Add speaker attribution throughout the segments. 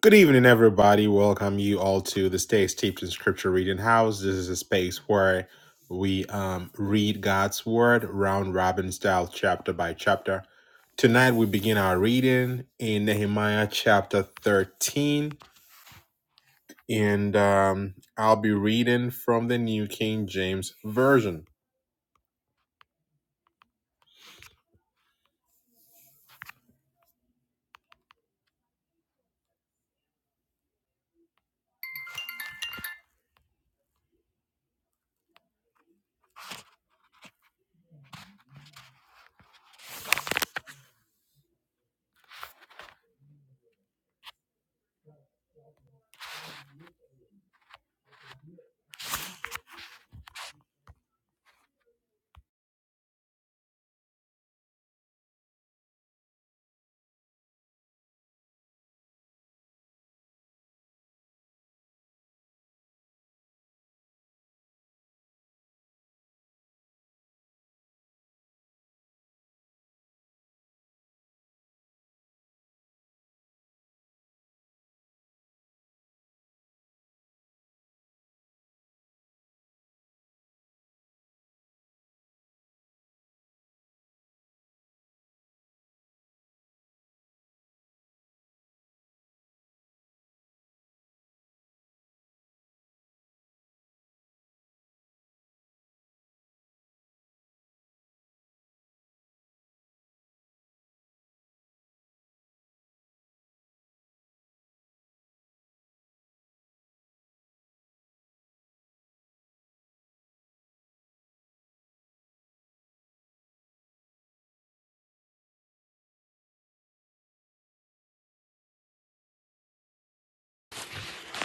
Speaker 1: Good evening, everybody. Welcome you all to the Stay Steeped in Scripture Reading House. This is a space where we um, read God's Word round robin style, chapter by chapter. Tonight we begin our reading in Nehemiah chapter 13, and um, I'll be reading from the New King James Version.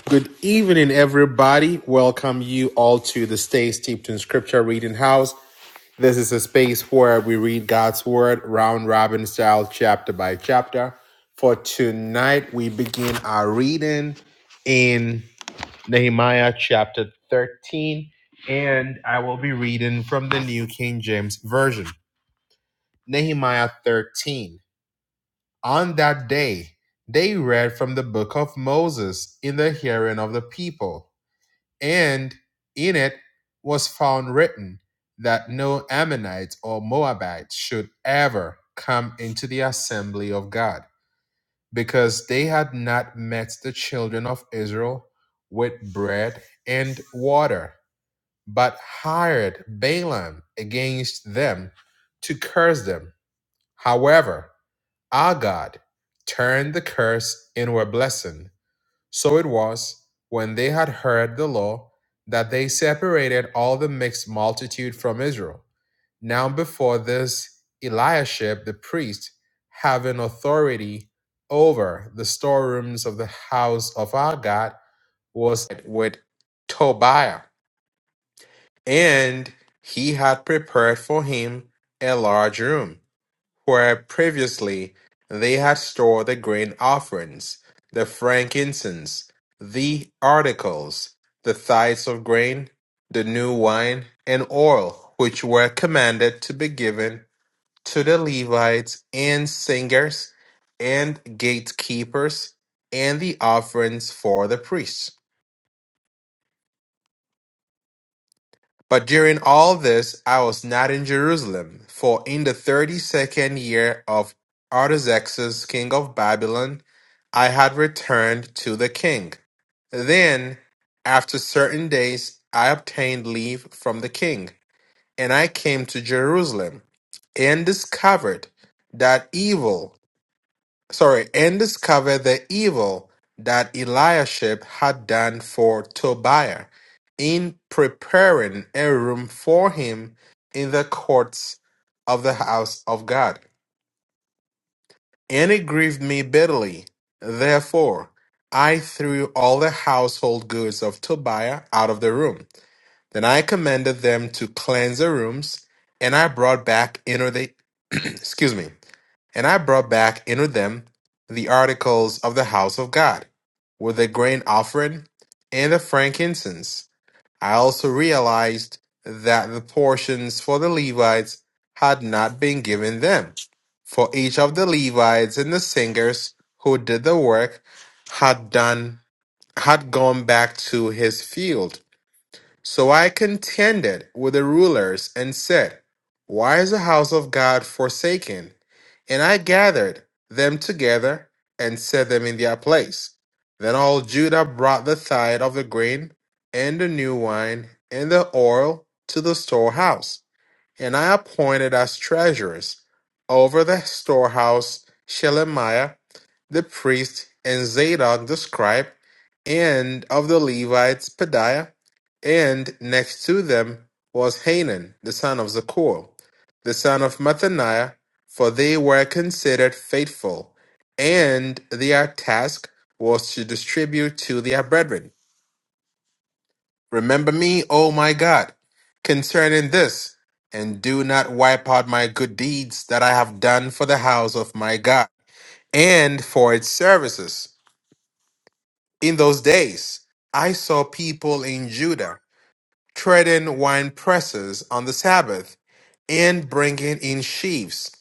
Speaker 1: Good evening, everybody. Welcome you all to the Stay Steeped in Scripture Reading House. This is a space where we read God's Word round robin style, chapter by chapter. For tonight, we begin our reading in Nehemiah chapter 13, and I will be reading from the New King James Version. Nehemiah 13. On that day, they read from the book of Moses in the hearing of the people and in it was found written that no Ammonites or Moabites should ever come into the assembly of God, because they had not met the children of Israel with bread and water, but hired Balaam against them to curse them. However, our God turned the curse into a blessing so it was, when they had heard the law, that they separated all the mixed multitude from Israel. Now before this, Eliashib the priest, having authority over the storerooms of the house of our God, was with Tobiah, and he had prepared for him a large room where previously they had stored the grain offerings, the frankincense, the articles, the tithes of grain, the new wine, and oil, which were commanded to be given to the Levites and singers and gatekeepers, and the offerings for the priests. But during all this I was not in Jerusalem: for in the thirty-second year of Artaxerxes king of Babylon, I had returned to the king. Then, after certain days, I obtained leave from the king, and I came to Jerusalem, and discovered that evil sorry, and discovered the evil that Eliashib had done for Tobiah in preparing a room for him in the courts of the house of God. And it grieved me bitterly. Therefore, I threw all the household goods of Tobiah out of the room. Then I commanded them to cleanse the rooms, and I brought back into the excuse me and I brought back into them the articles of the house of God, with the grain offering and the frankincense. I also realized that the portions for the Levites had not been given them, for each of the Levites and the singers who did the work had done had gone back to his field. So I contended with the rulers and said, Why is the house of God forsaken? And I gathered them together and set them in their place. Then all Judah brought the tithe of the grain and the new wine and the oil to the storehouse. And I appointed as treasurers over the storehouse Shelemiah the priest, and Zadok the scribe, and of the Levites Padiah, and next to them was Hanan the son of Zakur, the son of Mathaniah, for they were considered faithful, and their task was to distribute to their brethren. Remember me, O my God, concerning this, and do not wipe out my good deeds that I have done for the house of my God and for its services. In those days, I saw people in Judah treading wine presses on the Sabbath, and bringing in sheaves,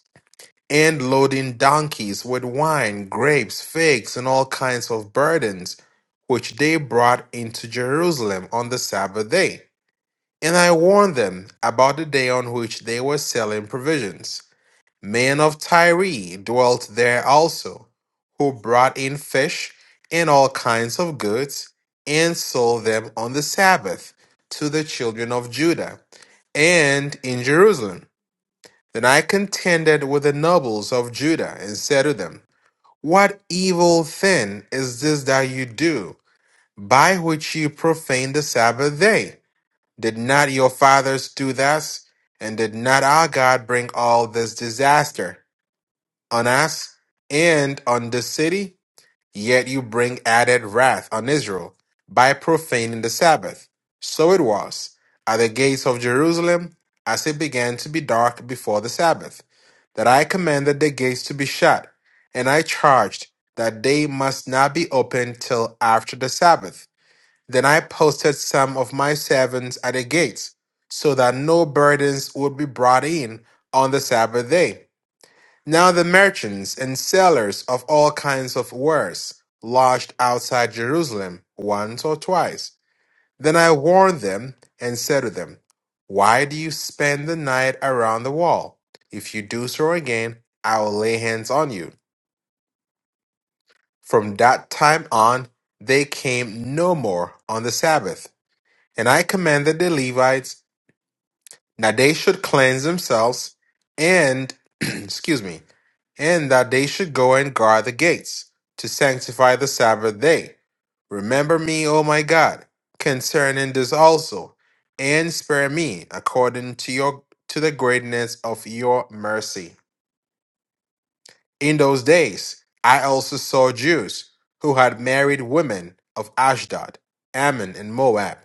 Speaker 1: and loading donkeys with wine, grapes, figs, and all kinds of burdens, which they brought into Jerusalem on the Sabbath day. And I warned them about the day on which they were selling provisions. Men of Tyre dwelt there also, who brought in fish and all kinds of goods, and sold them on the Sabbath to the children of Judah, and in Jerusalem. Then I contended with the nobles of Judah, and said to them, What evil thing is this that you do, by which you profane the Sabbath day? Did not your fathers do thus? And did not our God bring all this disaster? on us and on this city, yet you bring added wrath on Israel by profaning the Sabbath. So it was at the gates of Jerusalem, as it began to be dark before the Sabbath, that I commanded the gates to be shut, and I charged that they must not be opened till after the Sabbath. Then I posted some of my servants at the gates, so that no burdens would be brought in on the Sabbath day now the merchants and sellers of all kinds of wares lodged outside Jerusalem once or twice. Then I warned them and said to them, Why do you spend the night around the wall? If you do so again, I will lay hands on you. From that time on, they came no more on the Sabbath. And I commanded the Levites that they should cleanse themselves and, excuse me, and that they should go and guard the gates, to sanctify the Sabbath day. Remember me, O my God, concerning this also, and spare me according to your to the greatness of your mercy. In those days, I also saw Jews who had married women of Ashdod, Ammon, and Moab,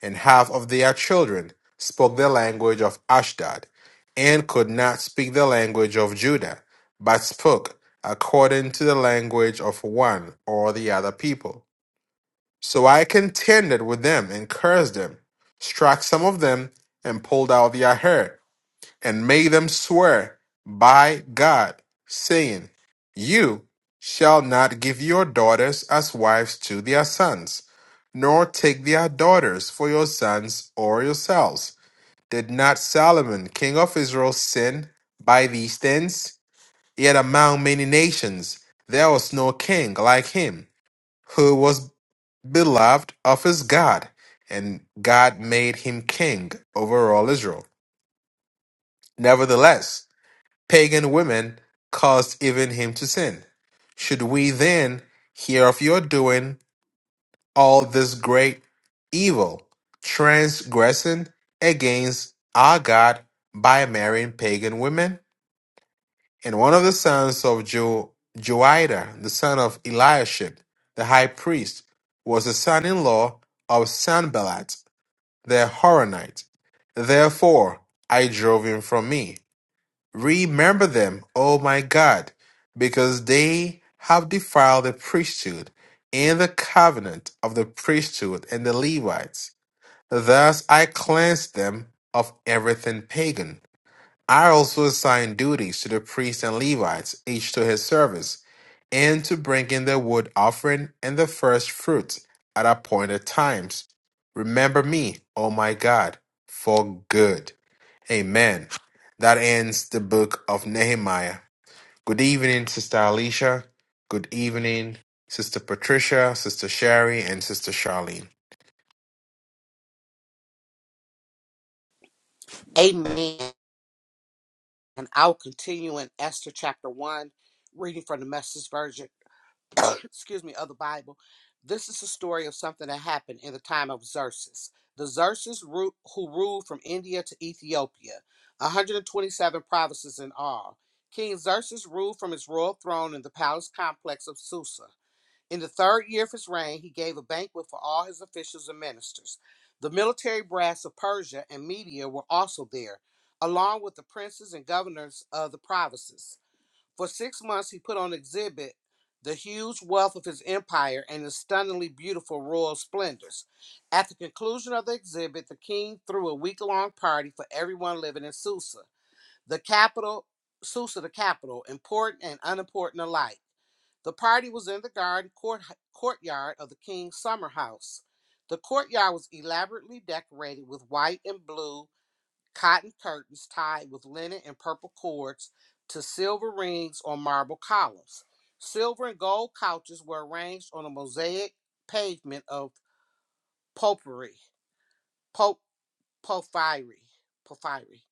Speaker 1: and half of their children spoke the language of Ashdod, and could not speak the language of Judah, but spoke according to the language of one or the other people. So I contended with them and cursed them, struck some of them, and pulled out their hair and made them swear by God, saying, You shall not give your daughters as wives to their sons, nor take their daughters for your sons or yourselves. Did not Solomon, king of Israel, sin by these things? Yet among many nations there was no king like him, who was beloved of his God, and God made him king over all Israel. Nevertheless, pagan women caused even him to sin. Should we then hear of your doing all this great evil, transgressing against our God by marrying pagan women? And one of the sons of jo- Joida, the son of Eliashib, the high priest, was the son-in-law of Sanballat the Horonite. Therefore I drove him from me. Remember them, O my God, because they have defiled the priesthood and the covenant of the priesthood and the Levites. Thus I cleanse them of everything pagan. I also assign duties to the priests and Levites, each to his service, and to bring in the wood offering and the first fruits at appointed times. Remember me, O my God, for good. Amen. That ends the book of Nehemiah. Good evening, Sister Alicia. Good evening, Sister Patricia, Sister Sherry, and Sister Charlene.
Speaker 2: Amen. And I'll continue in Esther chapter 1, reading from the message version, excuse me, of the Bible. This is the story of something that happened in the time of Xerxes. The Xerxes ru- who ruled from India to Ethiopia, 127 provinces in all. King Xerxes ruled from his royal throne in the palace complex of Susa. In the third year of his reign, he gave a banquet for all his officials and ministers. The military brass of Persia and Media were also there, along with the princes and governors of the provinces. For six months, he put on exhibit the huge wealth of his empire and his stunningly beautiful royal splendors. At the conclusion of the exhibit, the king threw a week long party for everyone living in Susa. The capital, Susa, the capital, important and unimportant alike. The party was in the garden court, courtyard of the king's summer house. The courtyard was elaborately decorated with white and blue cotton curtains tied with linen and purple cords to silver rings on marble columns. Silver and gold couches were arranged on a mosaic pavement of potpourri, pop, porphyry, porphyry.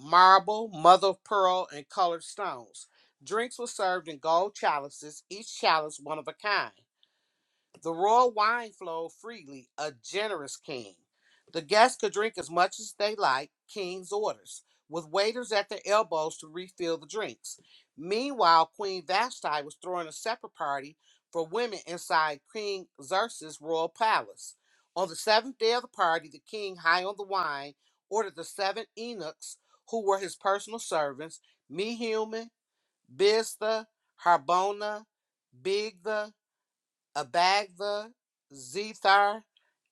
Speaker 2: marble, mother of pearl, and colored stones. Drinks were served in gold chalices, each chalice one of a kind. The royal wine flowed freely, a generous king. The guests could drink as much as they liked, king's orders, with waiters at their elbows to refill the drinks. Meanwhile, Queen Vashti was throwing a separate party for women inside King Xerxes' royal palace. On the seventh day of the party, the king, high on the wine, ordered the seven eunuchs, who were his personal servants, Mehuman, Biztha, Harbona, Bigtha, Abagtha, Zethar,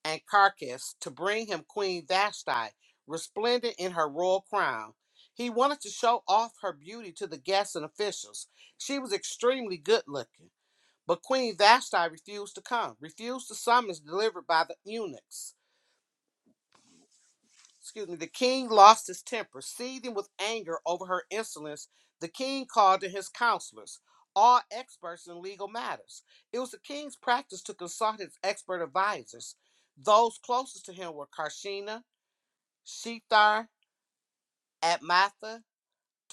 Speaker 2: and Carcass to bring him Queen Vashti, resplendent in her royal crown. He wanted to show off her beauty to the guests and officials. She was extremely good looking, but Queen Vashti refused to come, refused the summons delivered by the eunuchs excuse me, the king lost his temper. Seething with anger over her insolence, the king called in his counselors, all experts in legal matters. It was the king's practice to consult his expert advisors. Those closest to him were Karshina, Shethar, Atmatha,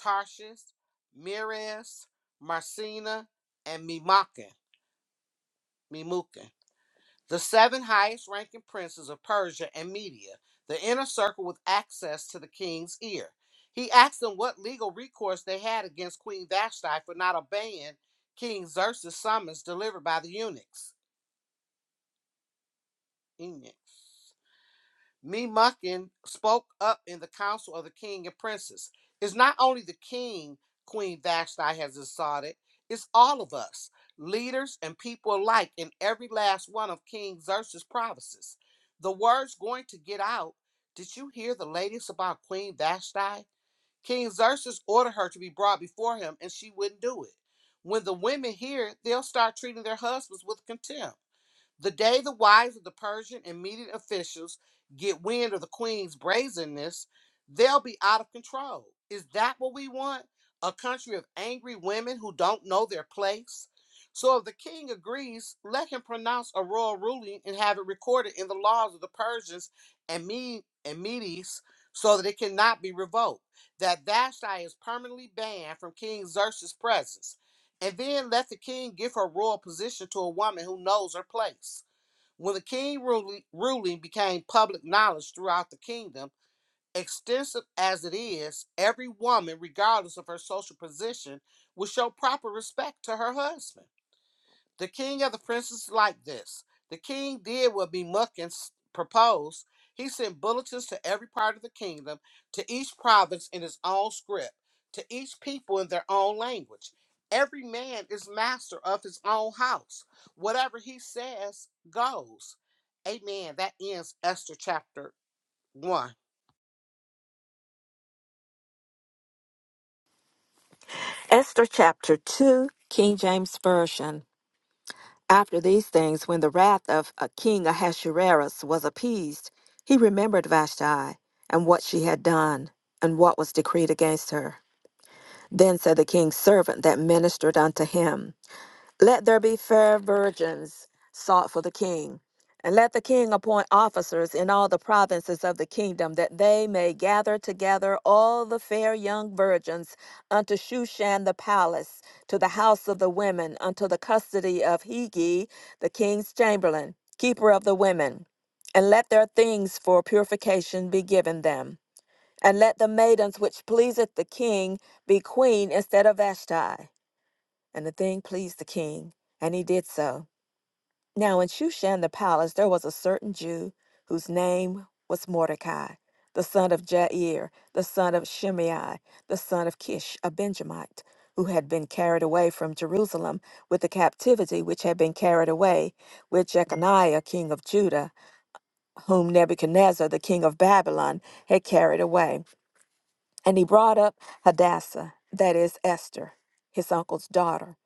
Speaker 2: Tarshish, Mires, Marcina, and Mimakin. Mimukin. The seven highest ranking princes of Persia and Media, the inner circle with access to the king's ear. He asked them what legal recourse they had against Queen Vashti for not obeying King Xerxes' summons delivered by the eunuchs. Eunuchs. Memucan spoke up in the council of the king and princes. It's not only the king Queen Vashti has decided, it's all of us, leaders and people alike in every last one of King Xerxes' provinces. The word's going to get out. Did you hear the latest about Queen Vashti? King Xerxes ordered her to be brought before him, and she wouldn't do it. When the women hear it, they'll start treating their husbands with contempt. The day the wives of the Persian and Median officials get wind of the queen's brazenness, they'll be out of control. Is that what we want? A country of angry women who don't know their place? So if the king agrees, let him pronounce a royal ruling and have it recorded in the laws of the Persians and Mede and Medes so that it cannot be revoked. That Vashti is permanently banned from King Xerxes' presence. And then let the king give her royal position to a woman who knows her place. When the king ruling became public knowledge throughout the kingdom, extensive as it is, every woman, regardless of her social position, would show proper respect to her husband. The king of the princes liked this. The king did what Bemuckins proposed. He sent bulletins to every part of the kingdom, to each province in his own script, to each people in their own language. Every man is master of his own house. Whatever he says goes. Amen. That ends Esther chapter 1.
Speaker 3: Esther chapter 2, King James Version. After these things, when the wrath of uh, King Ahasuerus was appeased, he remembered Vashti and what she had done and what was decreed against her. Then said the king's servant that ministered unto him, let there be fair virgins sought for the king, and let the king appoint officers in all the provinces of the kingdom, that they may gather together all the fair young virgins unto Shushan the palace, to the house of the women, unto the custody of Hegi, the king's chamberlain, keeper of the women. And let their things for purification be given them. And let the maidens which pleaseth the king be queen instead of Vashti and the thing pleased the king, and he did so. Now in Shushan the palace there was a certain Jew whose name was Mordecai, the son of Jair, the son of Shimei, the son of Kish, a Benjamite, who had been carried away from Jerusalem with the captivity which had been carried away with Jeconiah king of Judah, whom Nebuchadnezzar the king of Babylon had carried away. And he brought up Hadassah, that is Esther, his uncle's daughter,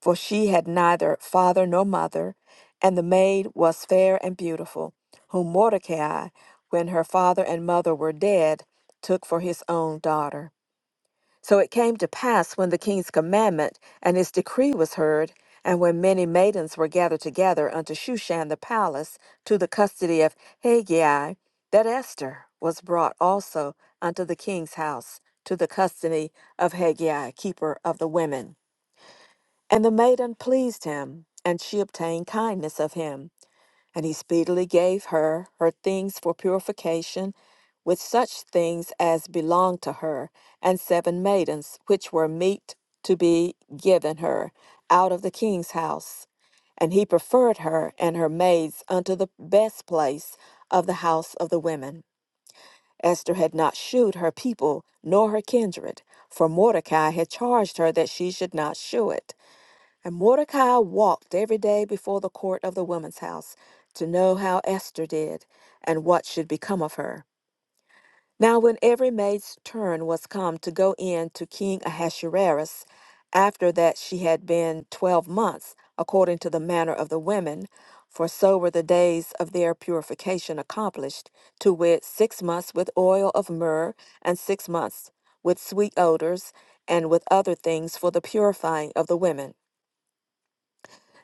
Speaker 3: for she had neither father nor mother, and the maid was fair and beautiful, whom Mordecai, when her father and mother were dead, took for his own daughter. So it came to pass when the king's commandment and his decree was heard, and when many maidens were gathered together unto Shushan the palace to the custody of Hegai, that Esther was brought also unto the king's house to the custody of Hegai, keeper of the women. And the maiden pleased him, and she obtained kindness of him. And he speedily gave her her things for purification, with such things as belonged to her, and seven maidens, which were meet to be given her out of the king's house. And he preferred her and her maids unto the best place of the house of the women. Esther had not shewed her people nor her kindred, for Mordecai had charged her that she should not shew it. And Mordecai walked every day before the court of the women's house to know how Esther did and what should become of her. Now, when every maid's turn was come to go in to King Ahasuerus, after that she had been twelve months, according to the manner of the women, for so were the days of their purification accomplished, to wit, six months with oil of myrrh, and six months with sweet odors, and with other things for the purifying of the women.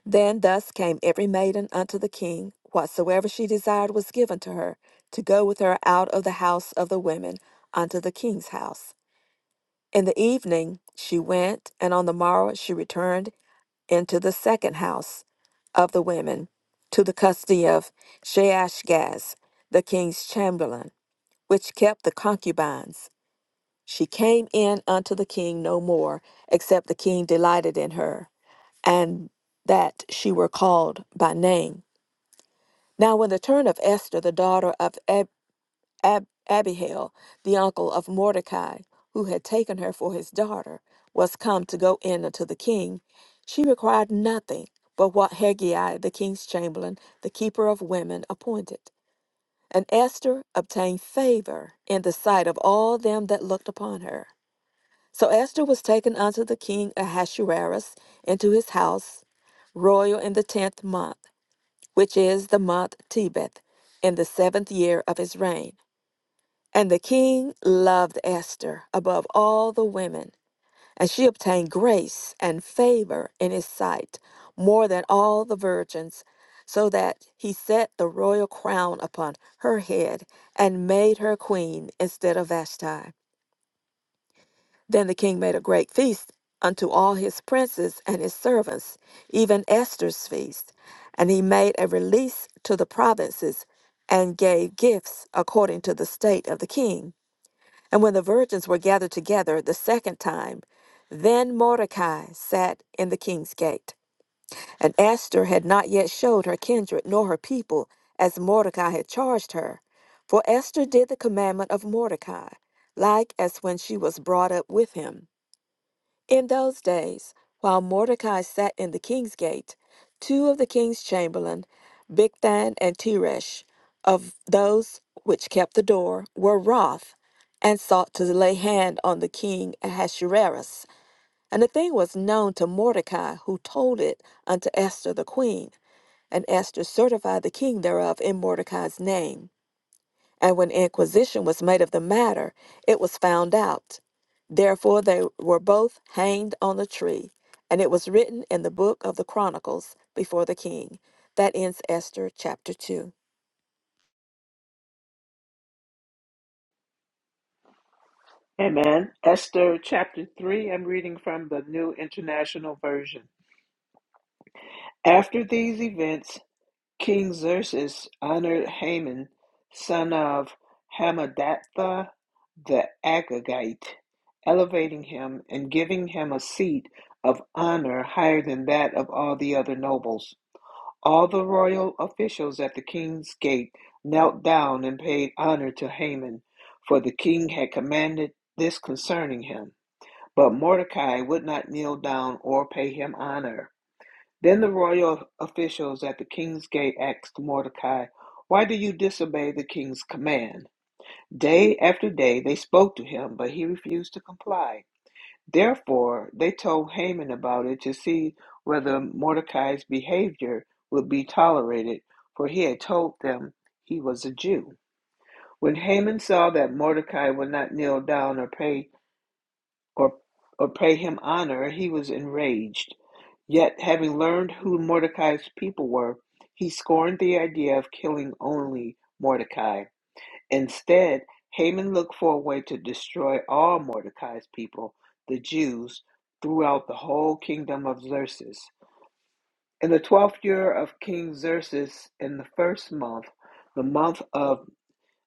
Speaker 3: Then thus came every maiden unto the king. Whatsoever she desired was given to her, to go with her out of the house of the women unto the king's house. In the evening she went, and on the morrow she returned into the second house of the women, to the custody of Sheashgaz, the king's chamberlain, which kept the concubines. She came in unto the king no more, except the king delighted in her, and that she were called by name. Now, when the turn of Esther, the daughter of Ab- Ab- Abihail, the uncle of Mordecai, who had taken her for his daughter, was come to go in unto the king, she required nothing but what Hegai, the king's chamberlain, the keeper of women, appointed. And Esther obtained favor in the sight of all them that looked upon her. So Esther was taken unto the king Ahasuerus into his house, royal in the tenth month which is the month Tebeth, in the seventh year of his reign. And the king loved Esther above all the women, and she obtained grace and favor in his sight more than all the virgins, so that he set the royal crown upon her head and made her queen instead of Vashti. Then the king made a great feast unto all his princes and his servants, even Esther's feast. And he made a release to the provinces and gave gifts according to the state of the king. And when the virgins were gathered together the second time, then Mordecai sat in the king's gate. And Esther had not yet showed her kindred nor her people, as Mordecai had charged her. For Esther did the commandment of Mordecai, like as when she was brought up with him. In those days, while Mordecai sat in the king's gate, two of the king's chamberlain, Bigthan and Teresh, of those which kept the door, were wroth, and sought to lay hand on the king Ahasuerus. And the thing was known to Mordecai, who told it unto Esther the queen. And Esther certified the king thereof in Mordecai's name. And when inquisition was made of the matter, it was found out. Therefore they were both hanged on the tree. And it was written in the book of the Chronicles before the king. That ends Esther chapter 2.
Speaker 4: Amen. Esther chapter 3, I'm reading from the New International Version. After these events, King Xerxes honored Haman, son of Hammedatha the Agagite, elevating him and giving him a seat of honor higher than that of all the other nobles. All the royal officials at the king's gate knelt down and paid honor to Haman, for the king had commanded this concerning him. But Mordecai would not kneel down or pay him honor. Then the royal officials at the king's gate asked Mordecai, Why do you disobey the king's command? Day after day they spoke to him, but he refused to comply. Therefore they told Haman about it to see whether Mordecai's behavior would be tolerated, for he had told them he was a Jew. When Haman saw that Mordecai would not kneel down or pay or, or pay him honor, he was enraged. Yet, having learned who Mordecai's people were, he scorned the idea of killing only Mordecai. Instead, Haman looked for a way to destroy all Mordecai's people, the Jews, throughout the whole kingdom of Xerxes. In the twelfth year of King Xerxes, in the first month, the month of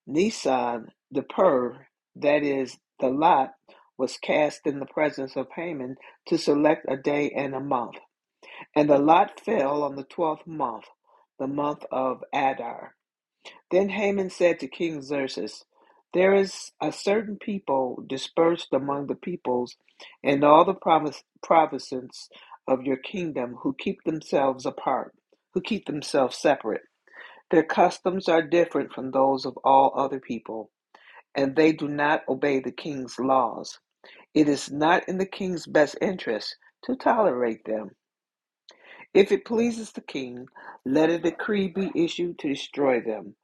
Speaker 4: Nisan, the pur, that is, the lot, was cast in the presence of Haman to select a day and a month. And the lot fell on the twelfth month, the month of Adar. Then Haman said to King Xerxes, There is a certain people dispersed among the peoples in all the provis- provinces of your kingdom who keep themselves apart, who keep themselves separate. Their customs are different from those of all other people and they do not obey the king's laws. It is not in the king's best interest to tolerate them. If it pleases the king, let a decree be issued to destroy them.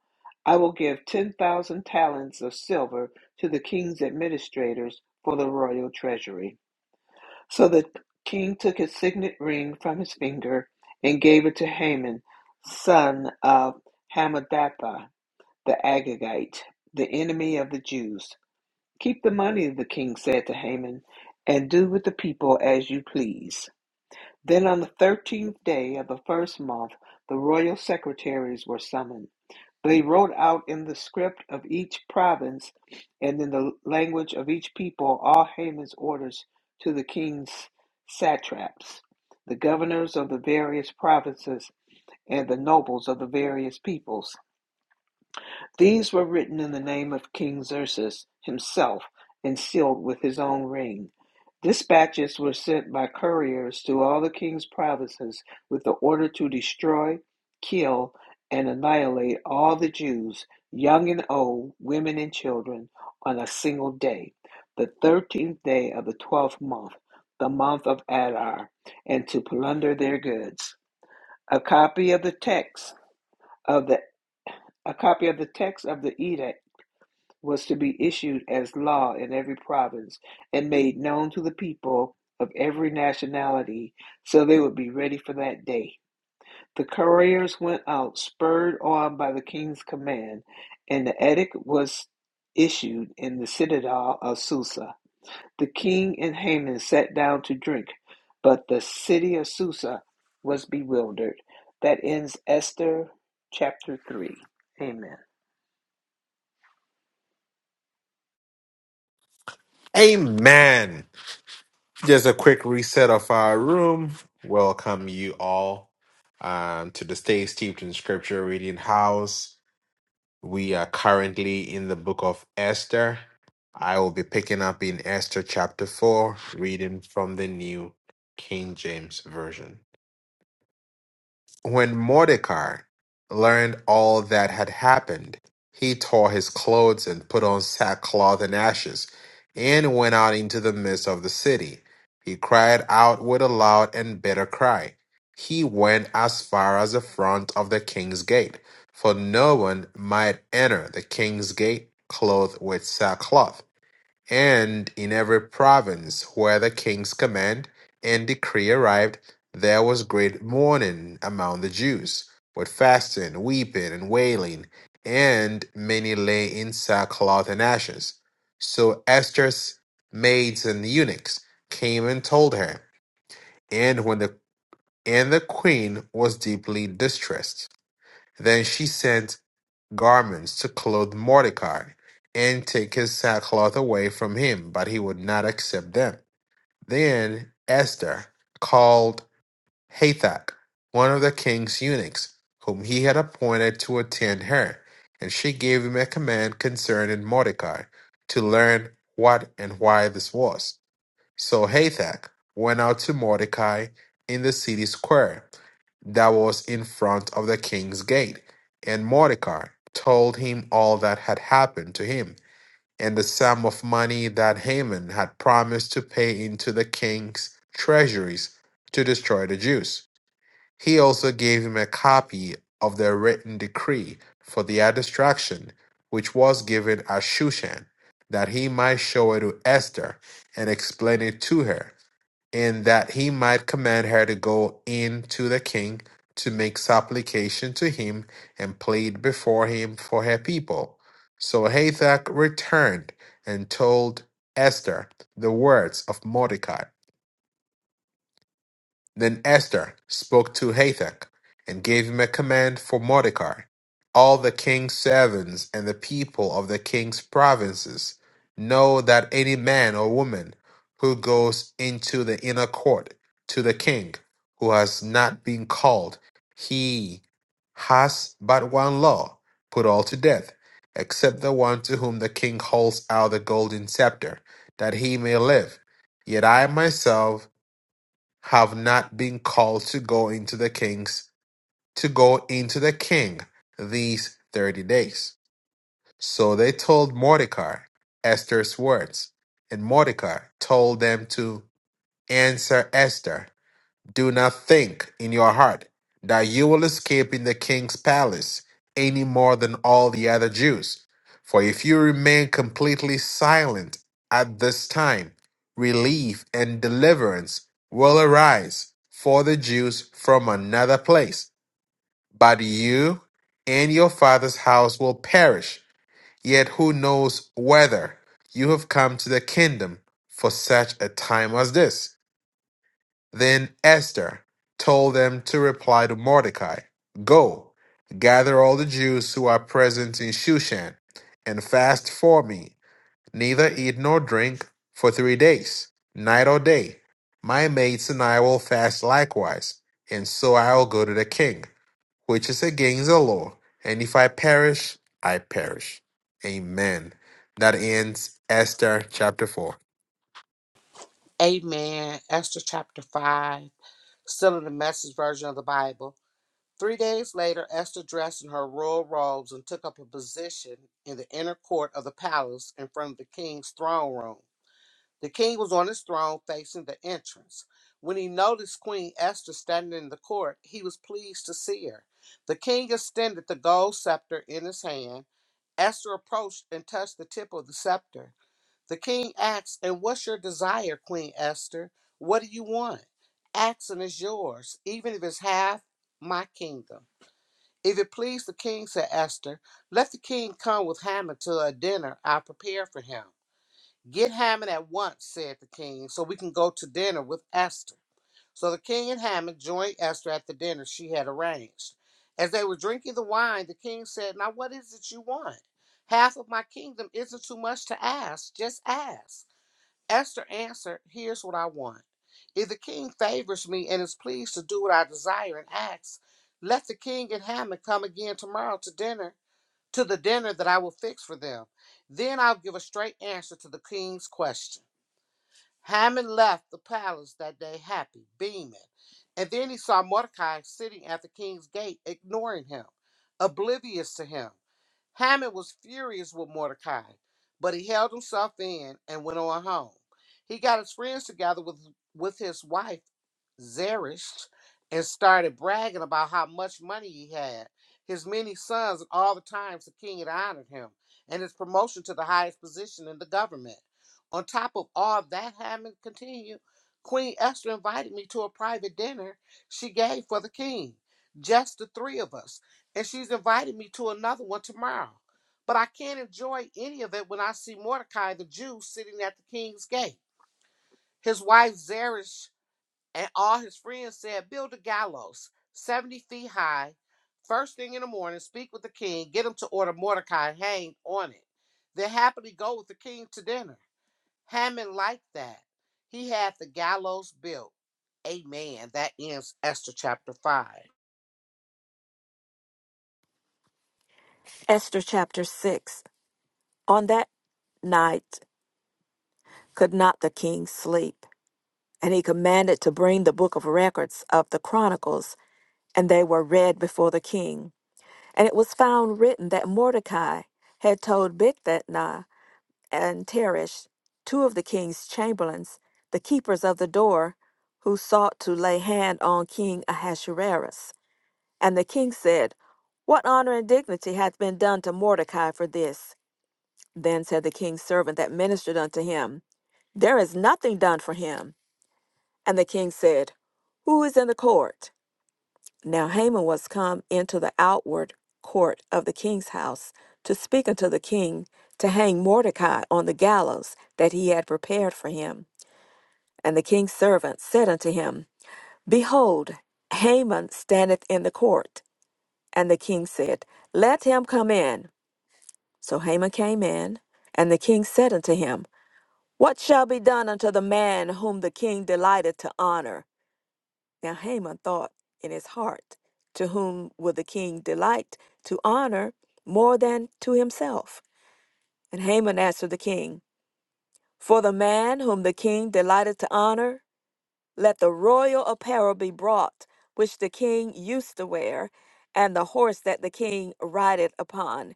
Speaker 4: I will give 10,000 talents of silver to the king's administrators for the royal treasury. So the king took his signet ring from his finger and gave it to Haman, son of Hammedatha the Agagite, the enemy of the Jews. Keep the money, the king said to Haman, and do with the people as you please. Then on the thirteenth day of the first month, the royal secretaries were summoned. They wrote out in the script of each province and in the language of each people all Haman's orders to the king's satraps, the governors of the various provinces, and the nobles of the various peoples. These were written in the name of King Xerxes himself and sealed with his own ring. Dispatches were sent by couriers to all the king's provinces with the order to destroy, kill, and annihilate all the Jews, young and old, women and children, on a single day, the thirteenth day of the twelfth month, the month of Adar, and to plunder their goods. A copy of the text of the a copy of the text of the edict was to be issued as law in every province and made known to the people of every nationality so they would be ready for that day. The couriers went out, spurred on by the king's command, and the edict was issued in the citadel of Susa. The king and Haman sat down to drink, but the city of Susa was bewildered. That ends Esther chapter 3. Amen.
Speaker 1: Amen. Just a quick reset of our room. Welcome you all um, to the Stay Steeped in Scripture Reading House. We are currently in the book of Esther. I will be picking up in Esther chapter 4, reading from the New King James Version. When Mordecai learned all that had happened, he tore his clothes and put on sackcloth and ashes, and went out into the midst of the city. He cried out with a loud and bitter cry. He went as far as the front of the king's gate, for no one might enter the king's gate clothed with sackcloth. And in every province where the king's command and decree arrived, there was great mourning among the Jews, with fasting, weeping, and wailing, and many lay in sackcloth and ashes. So Esther's maids and eunuchs came and told her, and when the and the queen was deeply distressed. Then she sent garments to clothe Mordecai, and take his sackcloth away from him, but he would not accept them. Then Esther called Hathach, one of the king's eunuchs, whom he had appointed to attend her, and she gave him a command concerning Mordecai, to learn what and why this was. So Hathach went out to Mordecai in the city square that was in front of the king's gate. And Mordecai told him all that had happened to him, and the sum of money that Haman had promised to pay into the king's treasuries to destroy the Jews. He also gave him a copy of the written decree for their destruction, which was given at Shushan, that he might show it to Esther and explain it to her and that he might command her to go in to the king to make supplication to him and plead before him for her people. So Hathach returned and told Esther the words of Mordecai. Then Esther spoke to Hathach, and gave him a command for Mordecai. All the king's servants and the people of the king's provinces know that any man or woman who goes into the inner court to the king, who has not been called, he has but one law, put all to death, except the one to whom the king holds out the golden scepter, that he may live. Yet I myself have not been called to go into the kings to go into the king these thirty days. So they told Mordecai Esther's words, and Mordecai told them to answer Esther do not think in your heart that you will escape in the king's palace any more than all the other Jews. For if you remain completely silent at this time, relief and deliverance will arise for the Jews from another place. But you and your father's house will perish. Yet who knows whether you have come to the kingdom for such a time as this? Then Esther told them to reply to Mordecai Go, gather all the Jews who are present in Shushan, and fast for me, neither eat nor drink for three days, night or day. My mates and I will fast likewise, and so I will go to the king, which is against the law, and if I perish, I perish. Amen. That ends Esther chapter 4.
Speaker 2: Amen. Esther chapter 5. Still in the message version of the Bible. Three days later, Esther dressed in her royal robes and took up a position in the inner court of the palace in front of the king's throne room. The king was on his throne facing the entrance. When he noticed Queen Esther standing in the court, he was pleased to see her. The king extended the gold scepter in his hand. Esther approached and touched the tip of the scepter. The king asked, And what's your desire, Queen Esther? What do you want? Action is yours, even if it's half my kingdom. If it please the king, said Esther, let the king come with Haman to a dinner I prepare for him. Get Haman at once, said the king, so we can go to dinner with Esther. So the king and Haman joined Esther at the dinner she had arranged. As they were drinking the wine, the king said, Now what is it you want? Half of my kingdom isn't too much to ask. Just ask. Esther answered, Here's what I want. If the king favors me and is pleased to do what I desire and ask, let the king and Haman come again tomorrow to dinner, to the dinner that I will fix for them. Then I'll give a straight answer to the king's question. Haman left the palace that day happy, beaming. And then he saw Mordecai sitting at the king's gate, ignoring him, oblivious to him. Haman was furious with Mordecai, but he held himself in and went on home. He got his friends together with, with his wife, Zeresh, and started bragging about how much money he had, his many sons, and all the times the king had honored him, and his promotion to the highest position in the government. On top of all of that having continued, Queen Esther invited me to a private dinner she gave for the king, just the three of us, and she's invited me to another one tomorrow. But I can't enjoy any of it when I see Mordecai the Jew sitting at the king's gate. His wife Zeresh and all his friends said, Build a gallows 70 feet high. First thing in the morning, speak with the king, get him to order Mordecai hanged on it. Then happily go with the king to dinner. Haman liked that. He had the gallows built. Amen. That ends Esther chapter 5.
Speaker 3: Esther chapter 6. On that night could not the king sleep, and he commanded to bring the book of records of the Chronicles, and they were read before the king. And it was found written that Mordecai had told Bigthana and Teresh, two of the king's chamberlains, the keepers of the door, who sought to lay hand on King Ahasuerus. And the king said, What honor and dignity hath been done to Mordecai for this? Then said the king's servant that ministered unto him, There is nothing done for him. And the king said, Who is in the court? Now Haman was come into the outward court of the king's house to speak unto the king to hang Mordecai on the gallows that he had prepared for him. And the king's servant said unto him, Behold, Haman standeth in the court. And the king said, Let him come in. So Haman came in, and the king said unto him, What shall be done unto the man whom the king delighted to honor? Now Haman thought in his heart, To whom will the king delight to honor more than to himself? And Haman answered the king, For the man whom the king delighted to honor, let the royal apparel be brought, which the king used to wear, and the horse that the king rideth upon,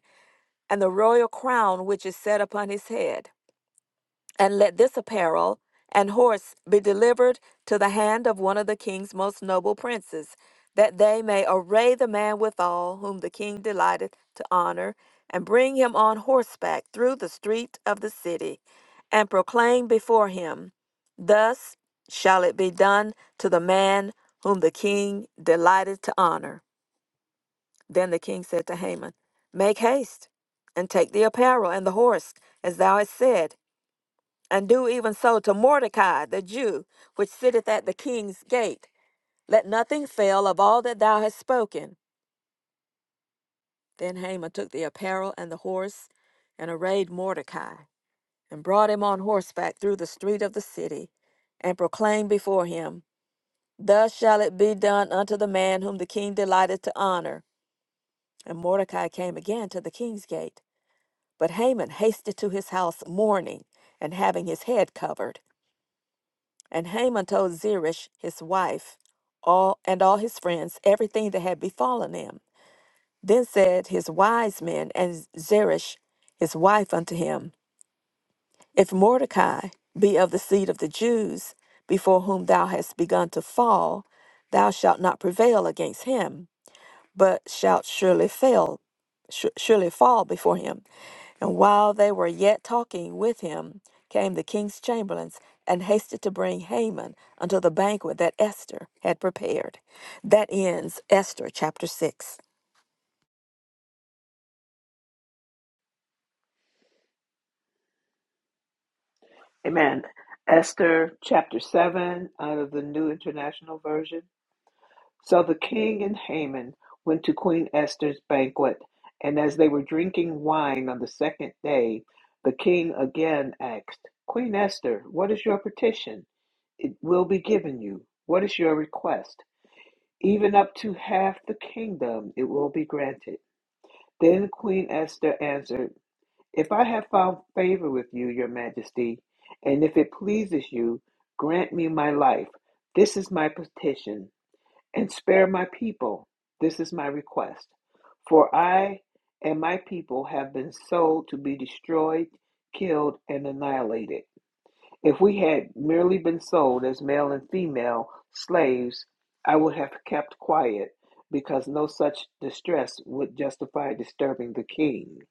Speaker 3: and the royal crown which is set upon his head. and let this apparel and horse be delivered to the hand of one of the king's most noble princes, that they may array the man withal, whom the king delighteth to honor, and bring him on horseback through the street of the city, and proclaim before him, Thus shall it be done to the man whom the king delighteth to honor. Then the king said to Haman, Make haste, and take the apparel and the horse, as thou hast said and do even so to Mordecai the Jew, which sitteth at the king's gate. Let nothing fail of all that thou hast spoken. Then Haman took the apparel and the horse, and arrayed Mordecai, and brought him on horseback through the street of the city, and proclaimed before him, Thus shall it be done unto the man whom the king delighted to honor. And Mordecai came again to the king's gate. But Haman hasted to his house mourning, and having his head covered. And Haman told Zeresh, his wife, all and all his friends, everything that had befallen him. Then said his wise men and Zeresh, his wife, unto him, If Mordecai be of the seed of the Jews, before whom thou hast begun to fall, thou shalt not prevail against him, but shalt surely fail, su- surely fall before him. And while they were yet talking with him, came the king's chamberlains and hasted to bring Haman unto the banquet that Esther had prepared. That ends Esther chapter 6.
Speaker 4: Amen. Esther chapter 7 out of the New International Version. So the king and Haman went to Queen Esther's banquet, and as they were drinking wine on the second day, the king again asked, Queen Esther, what is your petition? It will be given you. What is your request? Even up to half the kingdom it will be granted. Then Queen Esther answered, if I have found favor with you, your majesty, and if it pleases you, grant me my life. This is my petition, and spare my people. This is my request. For I and my people have been sold to be destroyed, killed, and annihilated. If we had merely been sold as male and female slaves, I would have kept quiet, because no such distress would justify disturbing the king.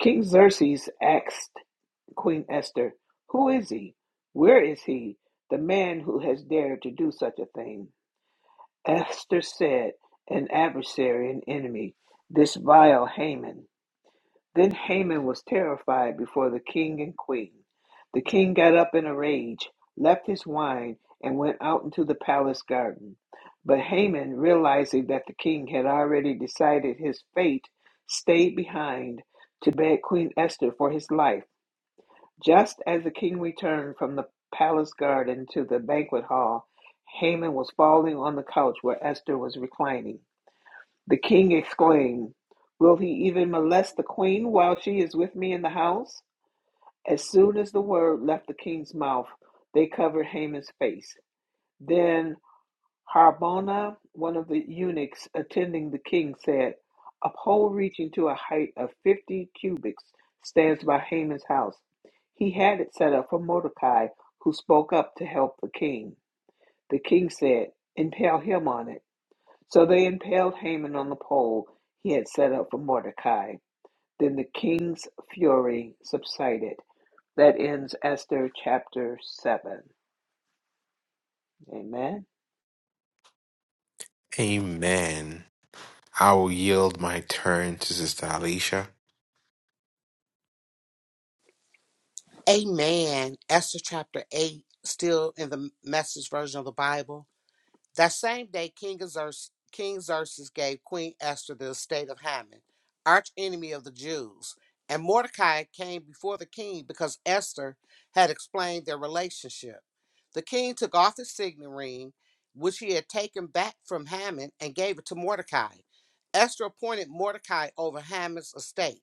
Speaker 4: King Xerxes asked Queen Esther, Who is he? Where is he, the man who has dared to do such a thing? Esther said, An adversary, an enemy, this vile Haman. Then Haman was terrified before the king and queen. The king got up in a rage, left his wine, and went out into the palace garden. But Haman, realizing that the king had already decided his fate, stayed behind to beg Queen Esther for his life. Just as the king returned from the palace garden to the banquet hall, Haman was falling on the couch where Esther was reclining. The king exclaimed, Will he even molest the queen while she is with me in the house? As soon as the word left the king's mouth, they covered Haman's face. Then Harbona, one of the eunuchs attending the king, said, A pole reaching to a height of fifty cubits stands by Haman's house. He had it set up for Mordecai, who spoke up to help the king. The king said, Impale him on it. So they impaled Haman on the pole he had set up for Mordecai. Then the king's fury subsided. That ends Esther chapter 7. Amen.
Speaker 1: Amen. I will yield my turn to Sister Alicia.
Speaker 2: Amen. Esther chapter 8, still in the message version of the Bible. That same day, King Xerxes, King Xerxes gave Queen Esther the estate of Haman, archenemy of the Jews, and Mordecai came before the king because Esther had explained their relationship. The king took off his signet ring, which he had taken back from Haman, and gave it to Mordecai. Esther appointed Mordecai over Haman's estate.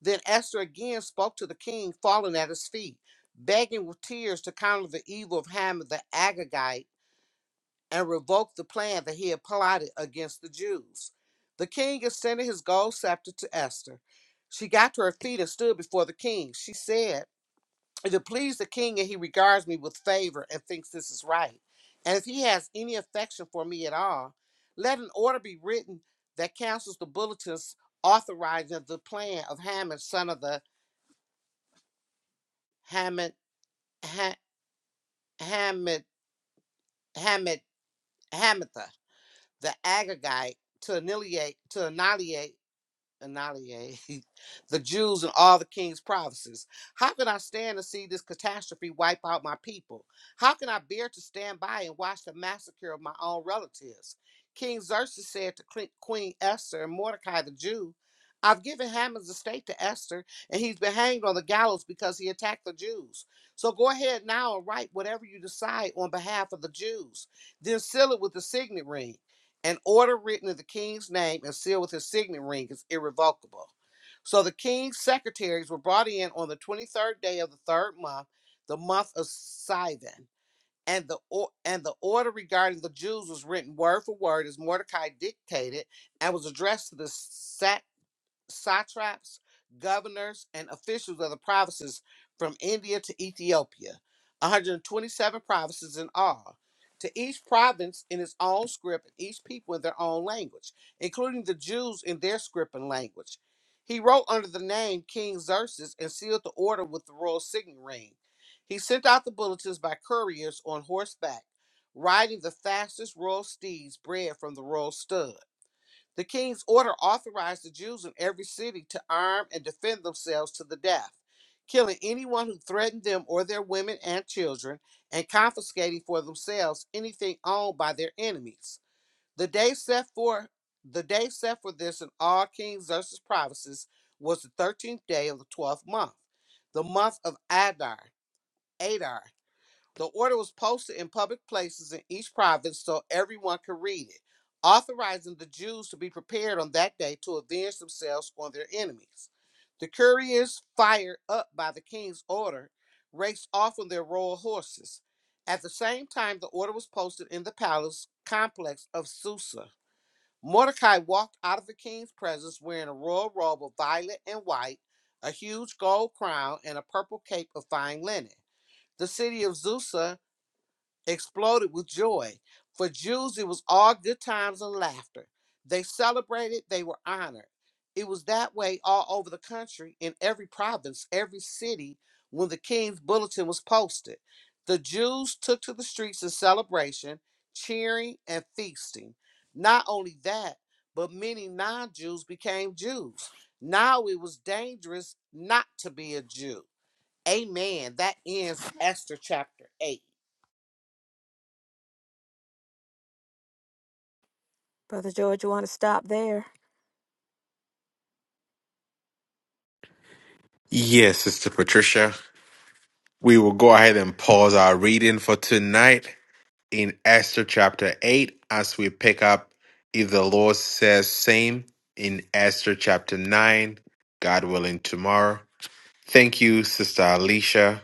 Speaker 2: Then Esther again spoke to the king, falling at his feet, begging with tears to counter the evil of Haman the Agagite and revoked the plan that he had plotted against the Jews. The king extended his gold scepter to Esther. She got to her feet and stood before the king. She said, If it please the king and he regards me with favor and thinks this is right, and if he has any affection for me at all, let an order be written that cancels the bulletins authorizing the plan of Haman, son of the Hamid, ha, Hamid, Hamid, Hamatha, the Agagite, to annihilate, to annihilate annihilate the Jews and all the king's provinces. How can I stand to see this catastrophe wipe out my people? How can I bear to stand by and watch the massacre of my own relatives? King Xerxes said to Queen Queen Esther and Mordecai the Jew, I've given Haman's estate to Esther, and he's been hanged on the gallows because he attacked the Jews. So go ahead now and write whatever you decide on behalf of the Jews. Then seal it with the signet ring. An order written in the king's name and sealed with his signet ring is irrevocable. So the king's secretaries were brought in on the 23rd day of the third month, the month of Sivan. And the, or- and the order regarding the Jews was written word for word as Mordecai dictated and was addressed to the sa- satraps, governors, and officials of the provinces from India to Ethiopia, 127 provinces in all. To each province in its own script, and each people in their own language, including the Jews in their script and language. He wrote under the name King Xerxes and sealed the order with the royal signet ring. He sent out the bulletins by couriers on horseback, riding the fastest royal steeds bred from the royal stud. The king's order authorized the Jews in every city to arm and defend themselves to the death, killing anyone who threatened them or their women and children, and confiscating for themselves anything owned by their enemies. The day set for the day set for this in all King Xerxes' provinces was the thirteenth day of the twelfth month, the month of Adar, Adar. The order was posted in public places in each province so everyone could read it, authorizing the Jews to be prepared on that day to avenge themselves on their enemies. The couriers, fired up by the king's order, raced off on their royal horses. At the same time, the order was posted in the palace complex of Susa. Mordecai walked out of the king's presence wearing a royal robe of violet and white, a huge gold crown, and a purple cape of fine linen. The city of Susa exploded with joy. For Jews, it was all good times and laughter. They celebrated, they were honored. It was that way all over the country, in every province, every city, when the king's bulletin was posted. The Jews took to the streets in celebration, cheering, and feasting. Not only that, but many non Jews became Jews. Now it was dangerous not to be a Jew. Amen. That ends Esther chapter 8.
Speaker 3: Brother George, you want to stop there?
Speaker 1: Yes, Sister Patricia. We will go ahead and pause our reading for tonight in Esther chapter 8 as we pick up if the Lord says same in Esther chapter 9, God willing, tomorrow. Thank you, Sister Alicia.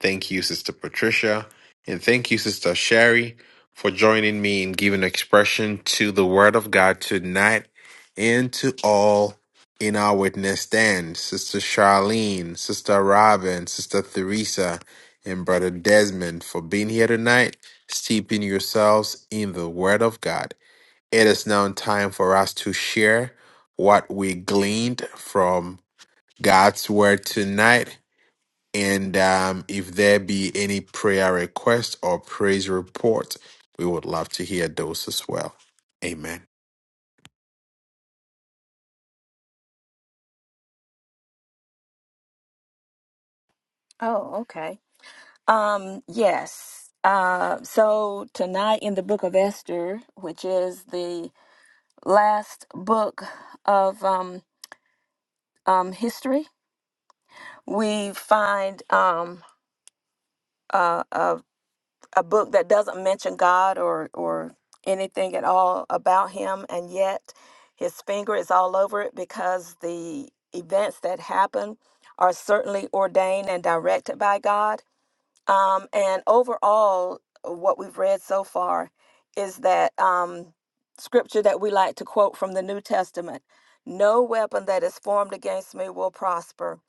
Speaker 1: Thank you, Sister Patricia. And thank you, Sister Sherry, for joining me in giving expression to the Word of God tonight and to all in our witness stand. Sister Charlene, Sister Robin, Sister Theresa, and Brother Desmond for being here tonight, steeping yourselves in the Word of God. It is now time for us to share what we gleaned from God's Word tonight and um, if there be any prayer request or praise report, we would love to hear those as well. Amen.
Speaker 3: Oh, okay. Um, yes. Uh, so tonight in the book of Esther, which is the last book of um, um, history, we find um, uh, a. a book that doesn't mention God or or anything at all about him and yet his finger is all over it because the events that happen are certainly ordained and directed by God. Um, and overall, what we've read so far is that um, scripture that we like to quote from the New Testament no weapon that is formed against me will prosper.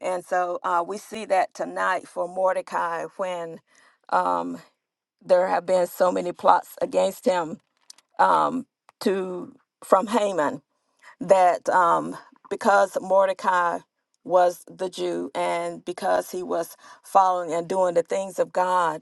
Speaker 3: And so uh, we see that tonight for Mordecai when um, there have been so many plots against him um, to from Haman that um, because Mordecai was the Jew and because he was following and doing the things of God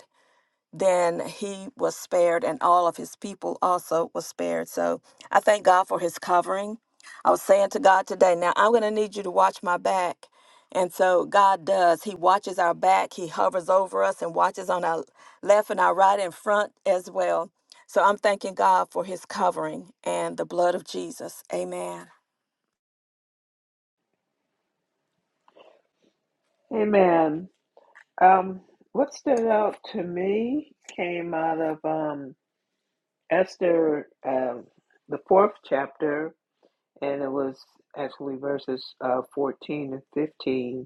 Speaker 3: then he was spared and all of his people also was spared so i thank god for his covering i was saying to god today now i'm going to need you to watch my back and so god does he watches our back he hovers over us and watches on our left and our right and front as well so i'm thanking god for his covering and the blood of jesus amen
Speaker 4: Amen. Um, what stood out to me came out of um, Esther, um, the fourth chapter, and it was actually verses uh, 14 and 15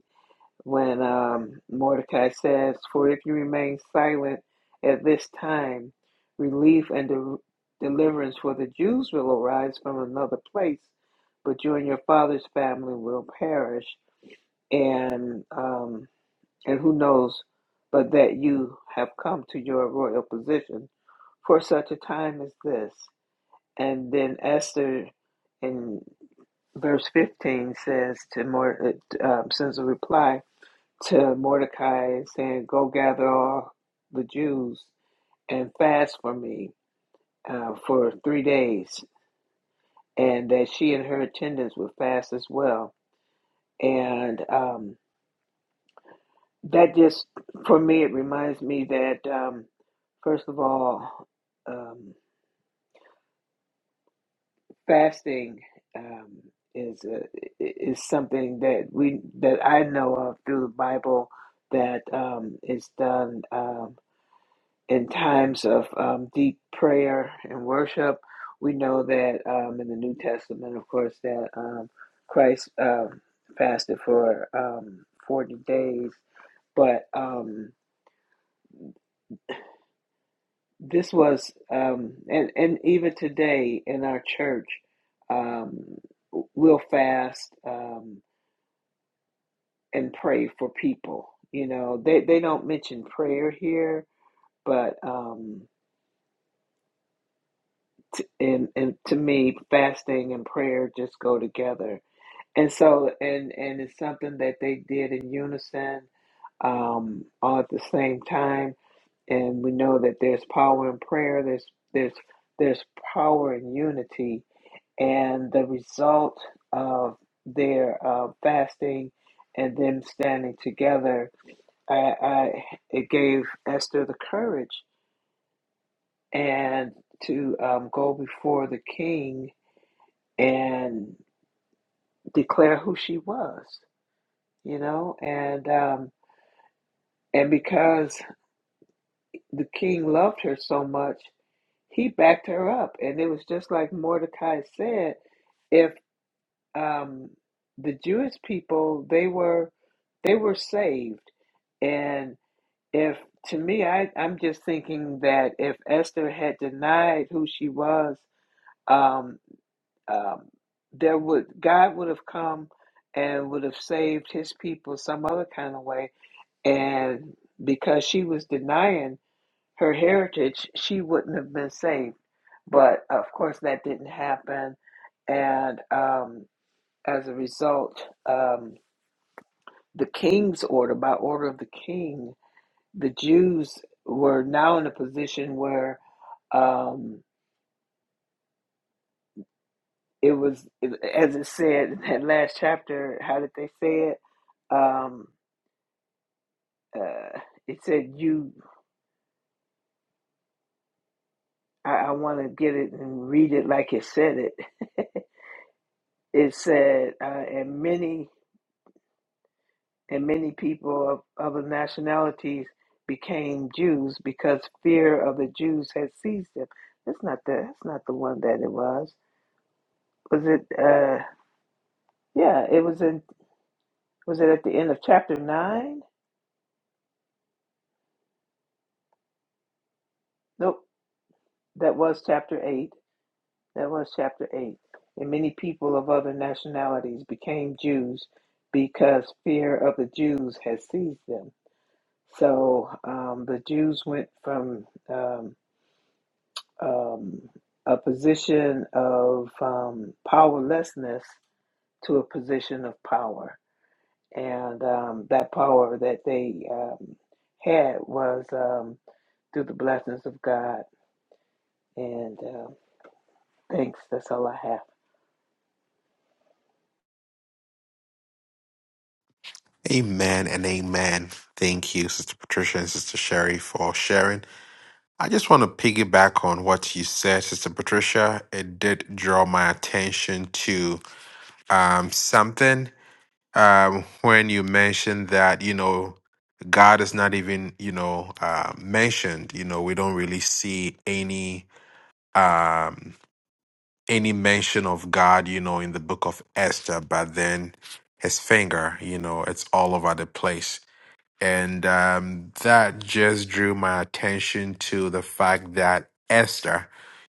Speaker 4: when um, Mordecai says, For if you remain silent at this time, relief and de- deliverance for the Jews will arise from another place, but you and your father's family will perish. And, um, and who knows but that you have come to your royal position for such a time as this. And then Esther in verse 15 says to Mordecai, um, sends a reply to Mordecai saying, Go gather all the Jews and fast for me uh, for three days. And that she and her attendants would fast as well. And um, that just, for me, it reminds me that, um, first of all, um, fasting um, is, a, is something that we that I know of through the Bible that um, is done. um, in times of um, deep prayer and worship. We know that um, in the New Testament, of course, that um, Christ um, fasted for um, 40 days. But um, this was, um, and, and even today in our church, um, we'll fast um, and pray for people. You know, they, they don't mention prayer here, but. Um, t- and and to me fasting and prayer just go together and so and and it's something that they did in unison um all at the same time and we know that there's power in prayer there's there's there's power in unity and the result of their uh, fasting and them standing together I, I it gave Esther the courage and to um, go before the king and declare who she was, you know, and um, and because the king loved her so much, he backed her up, and it was just like Mordecai said, if um, the Jewish people they were they were saved, and if to me I I'm just thinking that if Esther had denied who she was. Um, um, there would God would have come and would have saved his people some other kind of way. And because she was denying her heritage, she wouldn't have been saved. But of course, that didn't happen. And um, as a result, um, the king's order, by order of the king, the Jews were now in a position where. Um, it was as it said in that last chapter how did they say it um uh it said you i, I want to get it and read it like it said it it said uh, and many and many people of other nationalities became jews because fear of the jews had seized them that's not the that's not the one that it was was it uh yeah it was in was it at the end of chapter nine nope that was chapter 8 That was chapter 8. And many people of other nationalities became Jews because fear of the Jews had seized them. So um, the Jews went from um, um, a position of um, powerlessness to a position of power. And um, that power that they um, had was um, through the blessings of God. And uh, thanks. That's all I have.
Speaker 1: Amen and amen. Thank you, Sister Patricia and Sister Sherry, for sharing. I just want to piggyback on what you said, Sister Patricia. It did draw my attention to um, something um, when you mentioned that, you know, God is not even, you know, uh, mentioned. You know, we don't really see any. Um, any mention of God, you know, in the book of Esther, but then his finger, you know, it's all over the place. And um, that just drew my attention to the fact that Esther,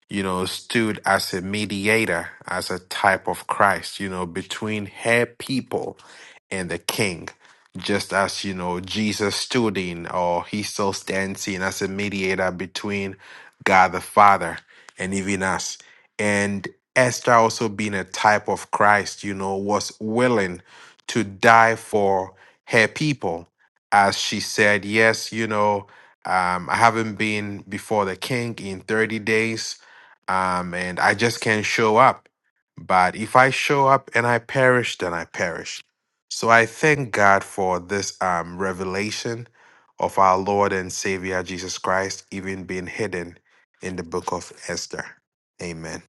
Speaker 1: you know, stood as a mediator, as a type of Christ, you know, between her people and the king. Just as, you know, Jesus stood in, or he still stands in as a mediator between God the Father and even us. And Esther, also being a type of Christ, you know, was willing to die for her people as she said, Yes, you know, um, I haven't been before the king in 30 days, um, and I just can't show up. But if I show up and I perish, then I perish. So I thank God for this um, revelation of our Lord and Savior Jesus Christ, even being hidden in the book of Esther. Amen.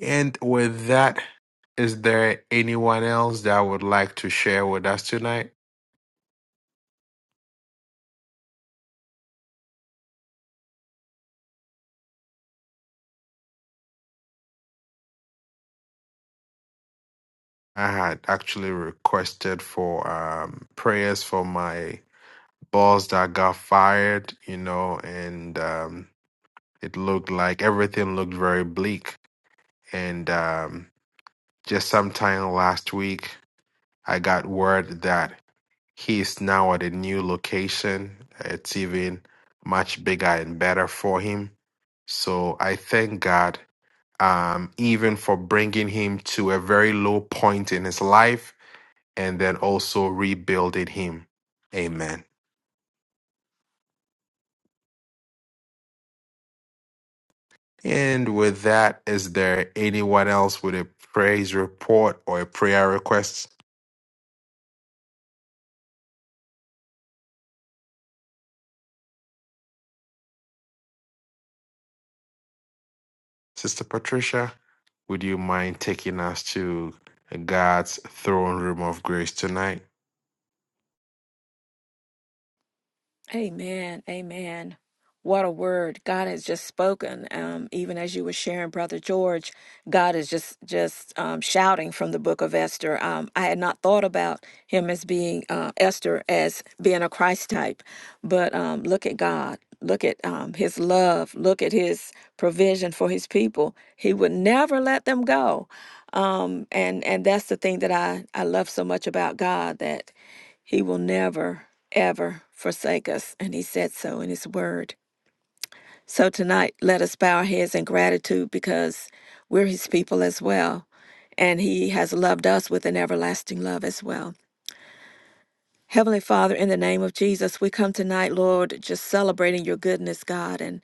Speaker 1: And with that, is there anyone else that would like to share with us tonight? I had actually requested for um, prayers for my boss that got fired, you know, and um, it looked like everything looked very bleak. And um, just sometime last week, I got word that he's now at a new location. It's even much bigger and better for him. So I thank God um, even for bringing him to a very low point in his life and then also rebuilding him. Amen. And with that, is there anyone else with a praise report or a prayer request? Sister Patricia, would you mind taking us to God's throne room of grace tonight?
Speaker 3: Amen. Amen. What a word God has just spoken. Um, even as you were sharing, Brother George, God is just just um, shouting from the Book of Esther. Um, I had not thought about him as being uh, Esther as being a Christ type, but um, look at God. Look at um, His love. Look at His provision for His people. He would never let them go um and and that's the thing that i i love so much about god that he will never ever forsake us and he said so in his word so tonight let us bow our heads in gratitude because we're his people as well and he has loved us with an everlasting love as well heavenly father in the name of jesus we come tonight lord just celebrating your goodness god and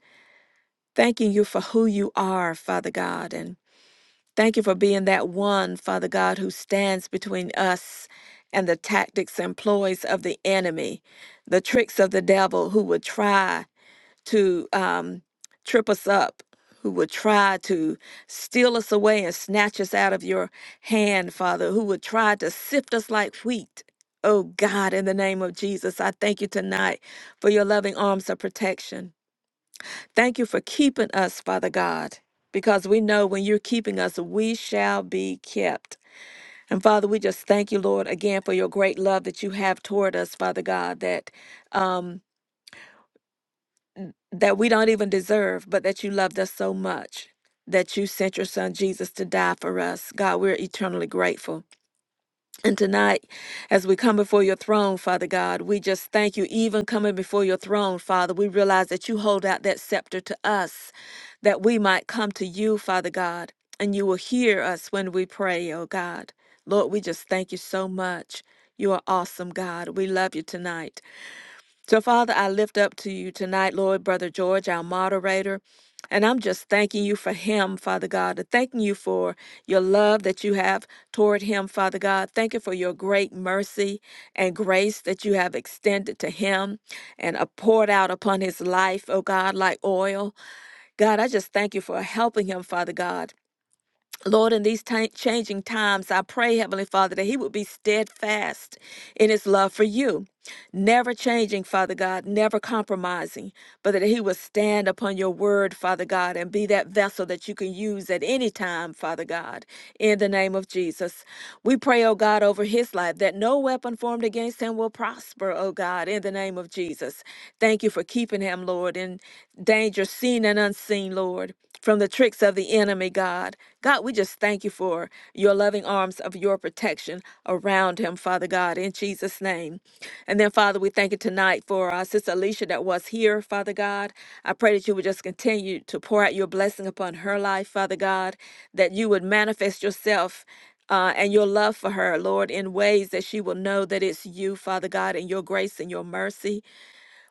Speaker 3: thanking you for who you are father god and Thank you for being that one, Father God, who stands between us and the tactics and ploys of the enemy, the tricks of the devil who would try to um, trip us up, who would try to steal us away and snatch us out of your hand, Father, who would try to sift us like wheat. Oh God, in the name of Jesus, I thank you tonight for your loving arms of protection. Thank you for keeping us, Father God, because we know when you're keeping us, we shall be kept. And Father, we just thank you, Lord, again for your great love that you have toward us, Father God, that um, that we don't even deserve, but that you loved us so much that you sent your son Jesus to die for us. God, we're eternally grateful. And tonight, as we come before your throne, Father God, we just thank you. Even coming before your throne, Father, we realize that you hold out that scepter to us, that we might come to you, Father God, and you will hear us when we pray, oh God. Lord, we just thank you so much. You are awesome, God. We love you tonight. So, Father, I lift up to you tonight, Lord, Brother George, our moderator. And I'm just thanking you for him, Father God, and thanking you for your love that you have toward him, Father God. Thank you for your great mercy and grace that you have extended to him and uh, poured out upon his life, oh God, like oil. God, I just thank you for helping him, Father God. Lord, in these ti- changing times, I pray, Heavenly Father, that He would be steadfast in His love for you, never changing, Father God, never compromising but that he would stand upon your word, Father God, and be that vessel that you can use at any time, Father God, in the name of Jesus. We pray, oh God, over his life that no weapon formed against him will prosper, oh God, in the name of Jesus. Thank you for keeping him, Lord, in danger seen and unseen, Lord, from the tricks of the enemy, God. God, we just thank you for your loving arms of your protection around him, Father God, in Jesus' name. And then, Father, we thank you tonight for our sister Alicia that was here, Father God. I pray that you would just continue to pour out your blessing upon her life, Father God, that you would manifest yourself uh, and your love for her, Lord, in ways that she will know that it's you, Father God, and your grace and your mercy.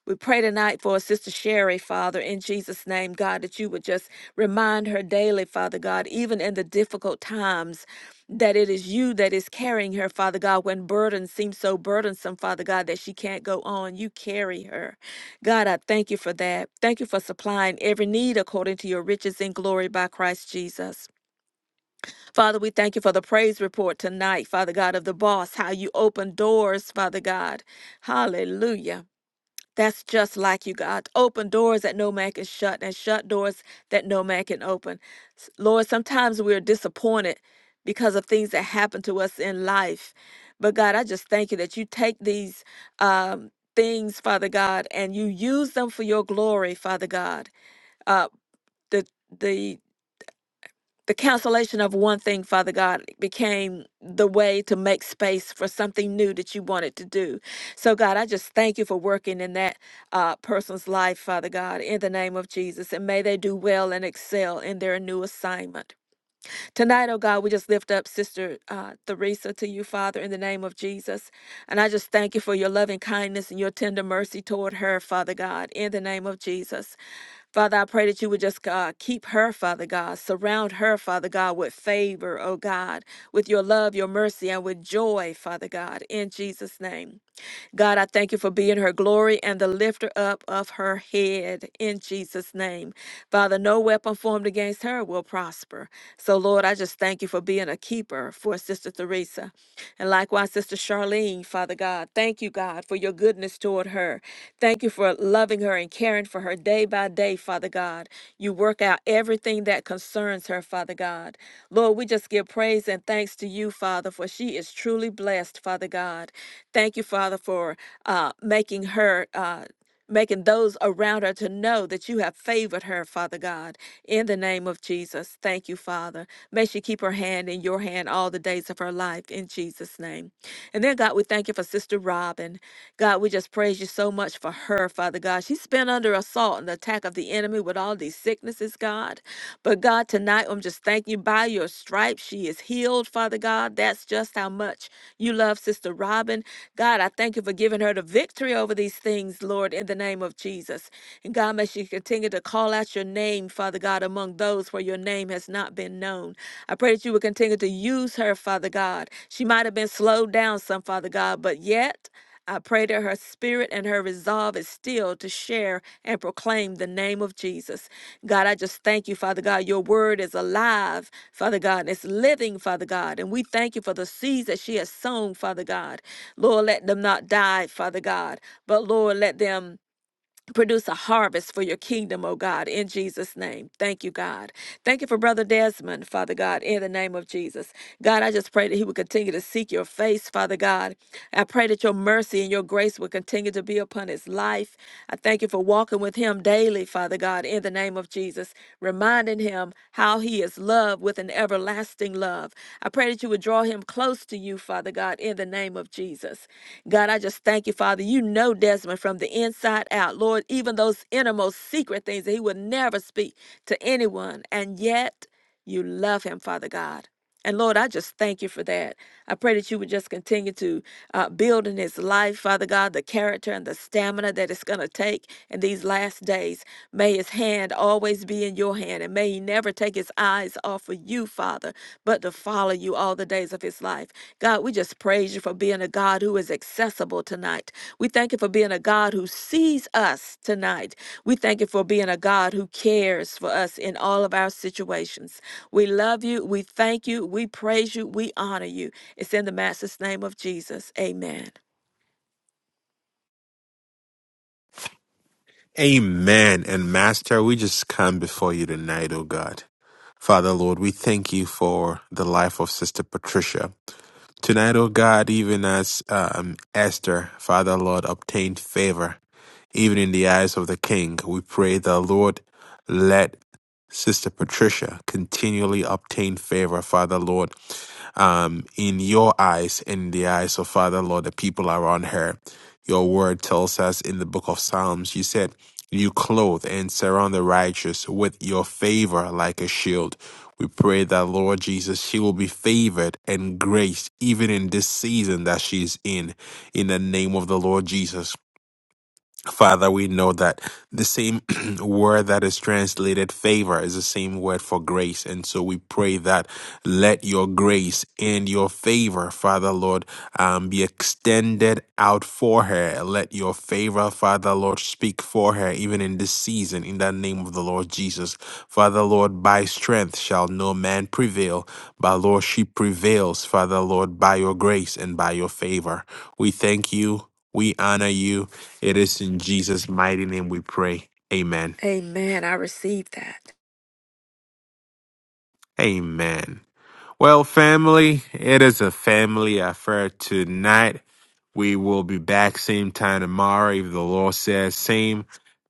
Speaker 3: We pray tonight for Sister Sherry, Father, in Jesus' name, God, that you would just remind her daily, Father God, even in the difficult times, that it is you that is carrying her, Father God, when burdens seem so burdensome, Father God, that she can't go on. You carry her. God, I thank you for that. Thank you for supplying every need according to your riches in glory by Christ Jesus. Father, we thank you for the praise report tonight, Father God, of the boss, how you open doors, Father God. Hallelujah. That's just like you, God. Open doors that no man can shut and shut doors that no man can open. S- Lord, sometimes we're disappointed because of things that happen to us in life. But God, I just thank you that you take these um, things, Father God, and you use them for your glory, Father God. Uh, the the the cancellation of one thing, Father God, became the way to make space for something new that you wanted to do. So, God, I just thank you for working in that uh, person's life, Father God, in the name of Jesus. And may they do well and excel in their new assignment. Tonight, oh God, we just lift up Sister uh, Theresa to you, Father, in the name of Jesus. And I just thank you for your loving kindness and your tender mercy toward her, Father God, in the name of Jesus. Father, I pray that you would just God keep her, Father God, surround her, Father God, with favor, oh God, with your love, your mercy, and with joy, Father God, in Jesus' name. God, I thank you for being her glory and the lifter up of her head in Jesus' name. Father, no weapon formed against her will prosper. So, Lord, I just thank you for being a keeper for Sister Teresa. And likewise, Sister Charlene, Father God, thank you, God, for your goodness toward her. Thank you for loving her and caring for her day by day, Father God. You work out everything that concerns her, Father God. Lord, we just give praise and thanks to you, Father, for she is truly blessed, Father God. Thank you, Father, for uh, making her. Uh, making those around her to know that you have favored her, Father God. In the name of Jesus, thank you, Father. May she keep her hand in your hand all the days of her life in Jesus' name. And then, God, we thank you for Sister Robin. God, we just praise you so much for her, Father God. She's been under assault and the attack of the enemy with all these sicknesses, God. But God, tonight I'm just thanking you by your stripes. She is healed, Father God. That's just how much you love Sister Robin. God, I thank you for giving her the victory over these things, Lord, in the name of Jesus. And God, may she continue to call out your name, Father God, among those where your name has not been known. I pray that you would continue to use her, Father God. She might have been slowed down some, Father God, but yet. I pray that her spirit and her resolve is still to share and proclaim the name of Jesus. God, I just thank you, Father God. Your word is alive, Father God, and it's living, Father God. And we thank you for the seeds that she has sown, Father God. Lord, let them not die, Father God, but Lord, let them. Produce a harvest for your kingdom, oh God, in Jesus' name. Thank you, God. Thank you for Brother Desmond, Father God, in the name of Jesus. God, I just pray that he would continue to seek your face, Father God. I pray that your mercy and your grace would continue to be upon his life. I thank you for walking with him daily, Father God, in the name of name of Jesus, reminding him how he is loved with an everlasting love. I pray that you would draw him close to you, Father God, in the name of Jesus. God, I just thank you, Father. You know Desmond from the inside out, Lord, even those innermost secret things that he would never speak to anyone. And yet, you love him, Father God. And Lord, I just thank you for that. I pray that you would just continue to uh, build in his life, Father God, the character and the stamina that it's going to take in these last days. May his hand always be in your hand, and may he never take his eyes off of you, Father, but to follow you all the days of of his life. God, we just praise you for being a God who is accessible tonight. We thank you for being a God who sees us tonight. We thank you for being a God who cares for us in all of our situations. We love you. We thank you. We praise you. We honor you. It's in the Master's name of Jesus. Amen.
Speaker 1: Amen. And Master, we just come before you tonight, oh God. Father, Lord, we thank you for the life of Sister Patricia. Tonight, oh God, even as um, Esther, Father, Lord, obtained favor even in the eyes of the king. We pray the Lord let Sister Patricia continually obtain favor, Father Lord, um, in your eyes, in the eyes of Father Lord, the people around her. Your word tells us in the book of Psalms, you said, You clothe and surround the righteous with your favor like a shield. We pray that, Lord Jesus, she will be favored and graced even in this season that she is in, in the name of the Lord Jesus. Father, we know that the same word that is translated favor is the same word for grace. And so we pray that let your grace and your favor, Father Lord, um, be extended out for her. Let your favor, Father Lord, speak for her even in this season in the name of the Lord Jesus. Father Lord, by strength shall no man prevail, but Lord, she prevails, Father Lord, by your grace and by your favor. We thank you. We honor you. It is in Jesus' mighty name we pray. Amen.
Speaker 3: Amen. I receive that.
Speaker 1: Amen. Well, family, it is a family affair tonight. We will be back same time tomorrow, if the Lord says same,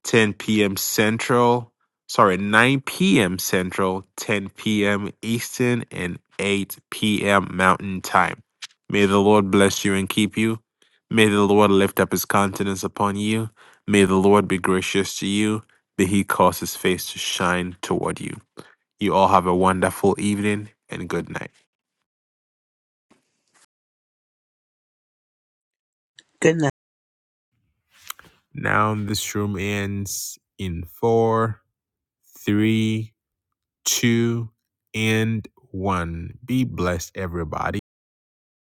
Speaker 1: 10 p.m. Central. Sorry, 9 p.m. Central, 10 p.m. Eastern, and 8 p.m. Mountain Time. May the Lord bless you and keep you. May the Lord lift up his countenance upon you. May the Lord be gracious to you. May he cause his face to shine toward you. You all have a wonderful evening and good night.
Speaker 4: Good
Speaker 1: Now this room ends in four, three, two, and one. Be blessed, everybody.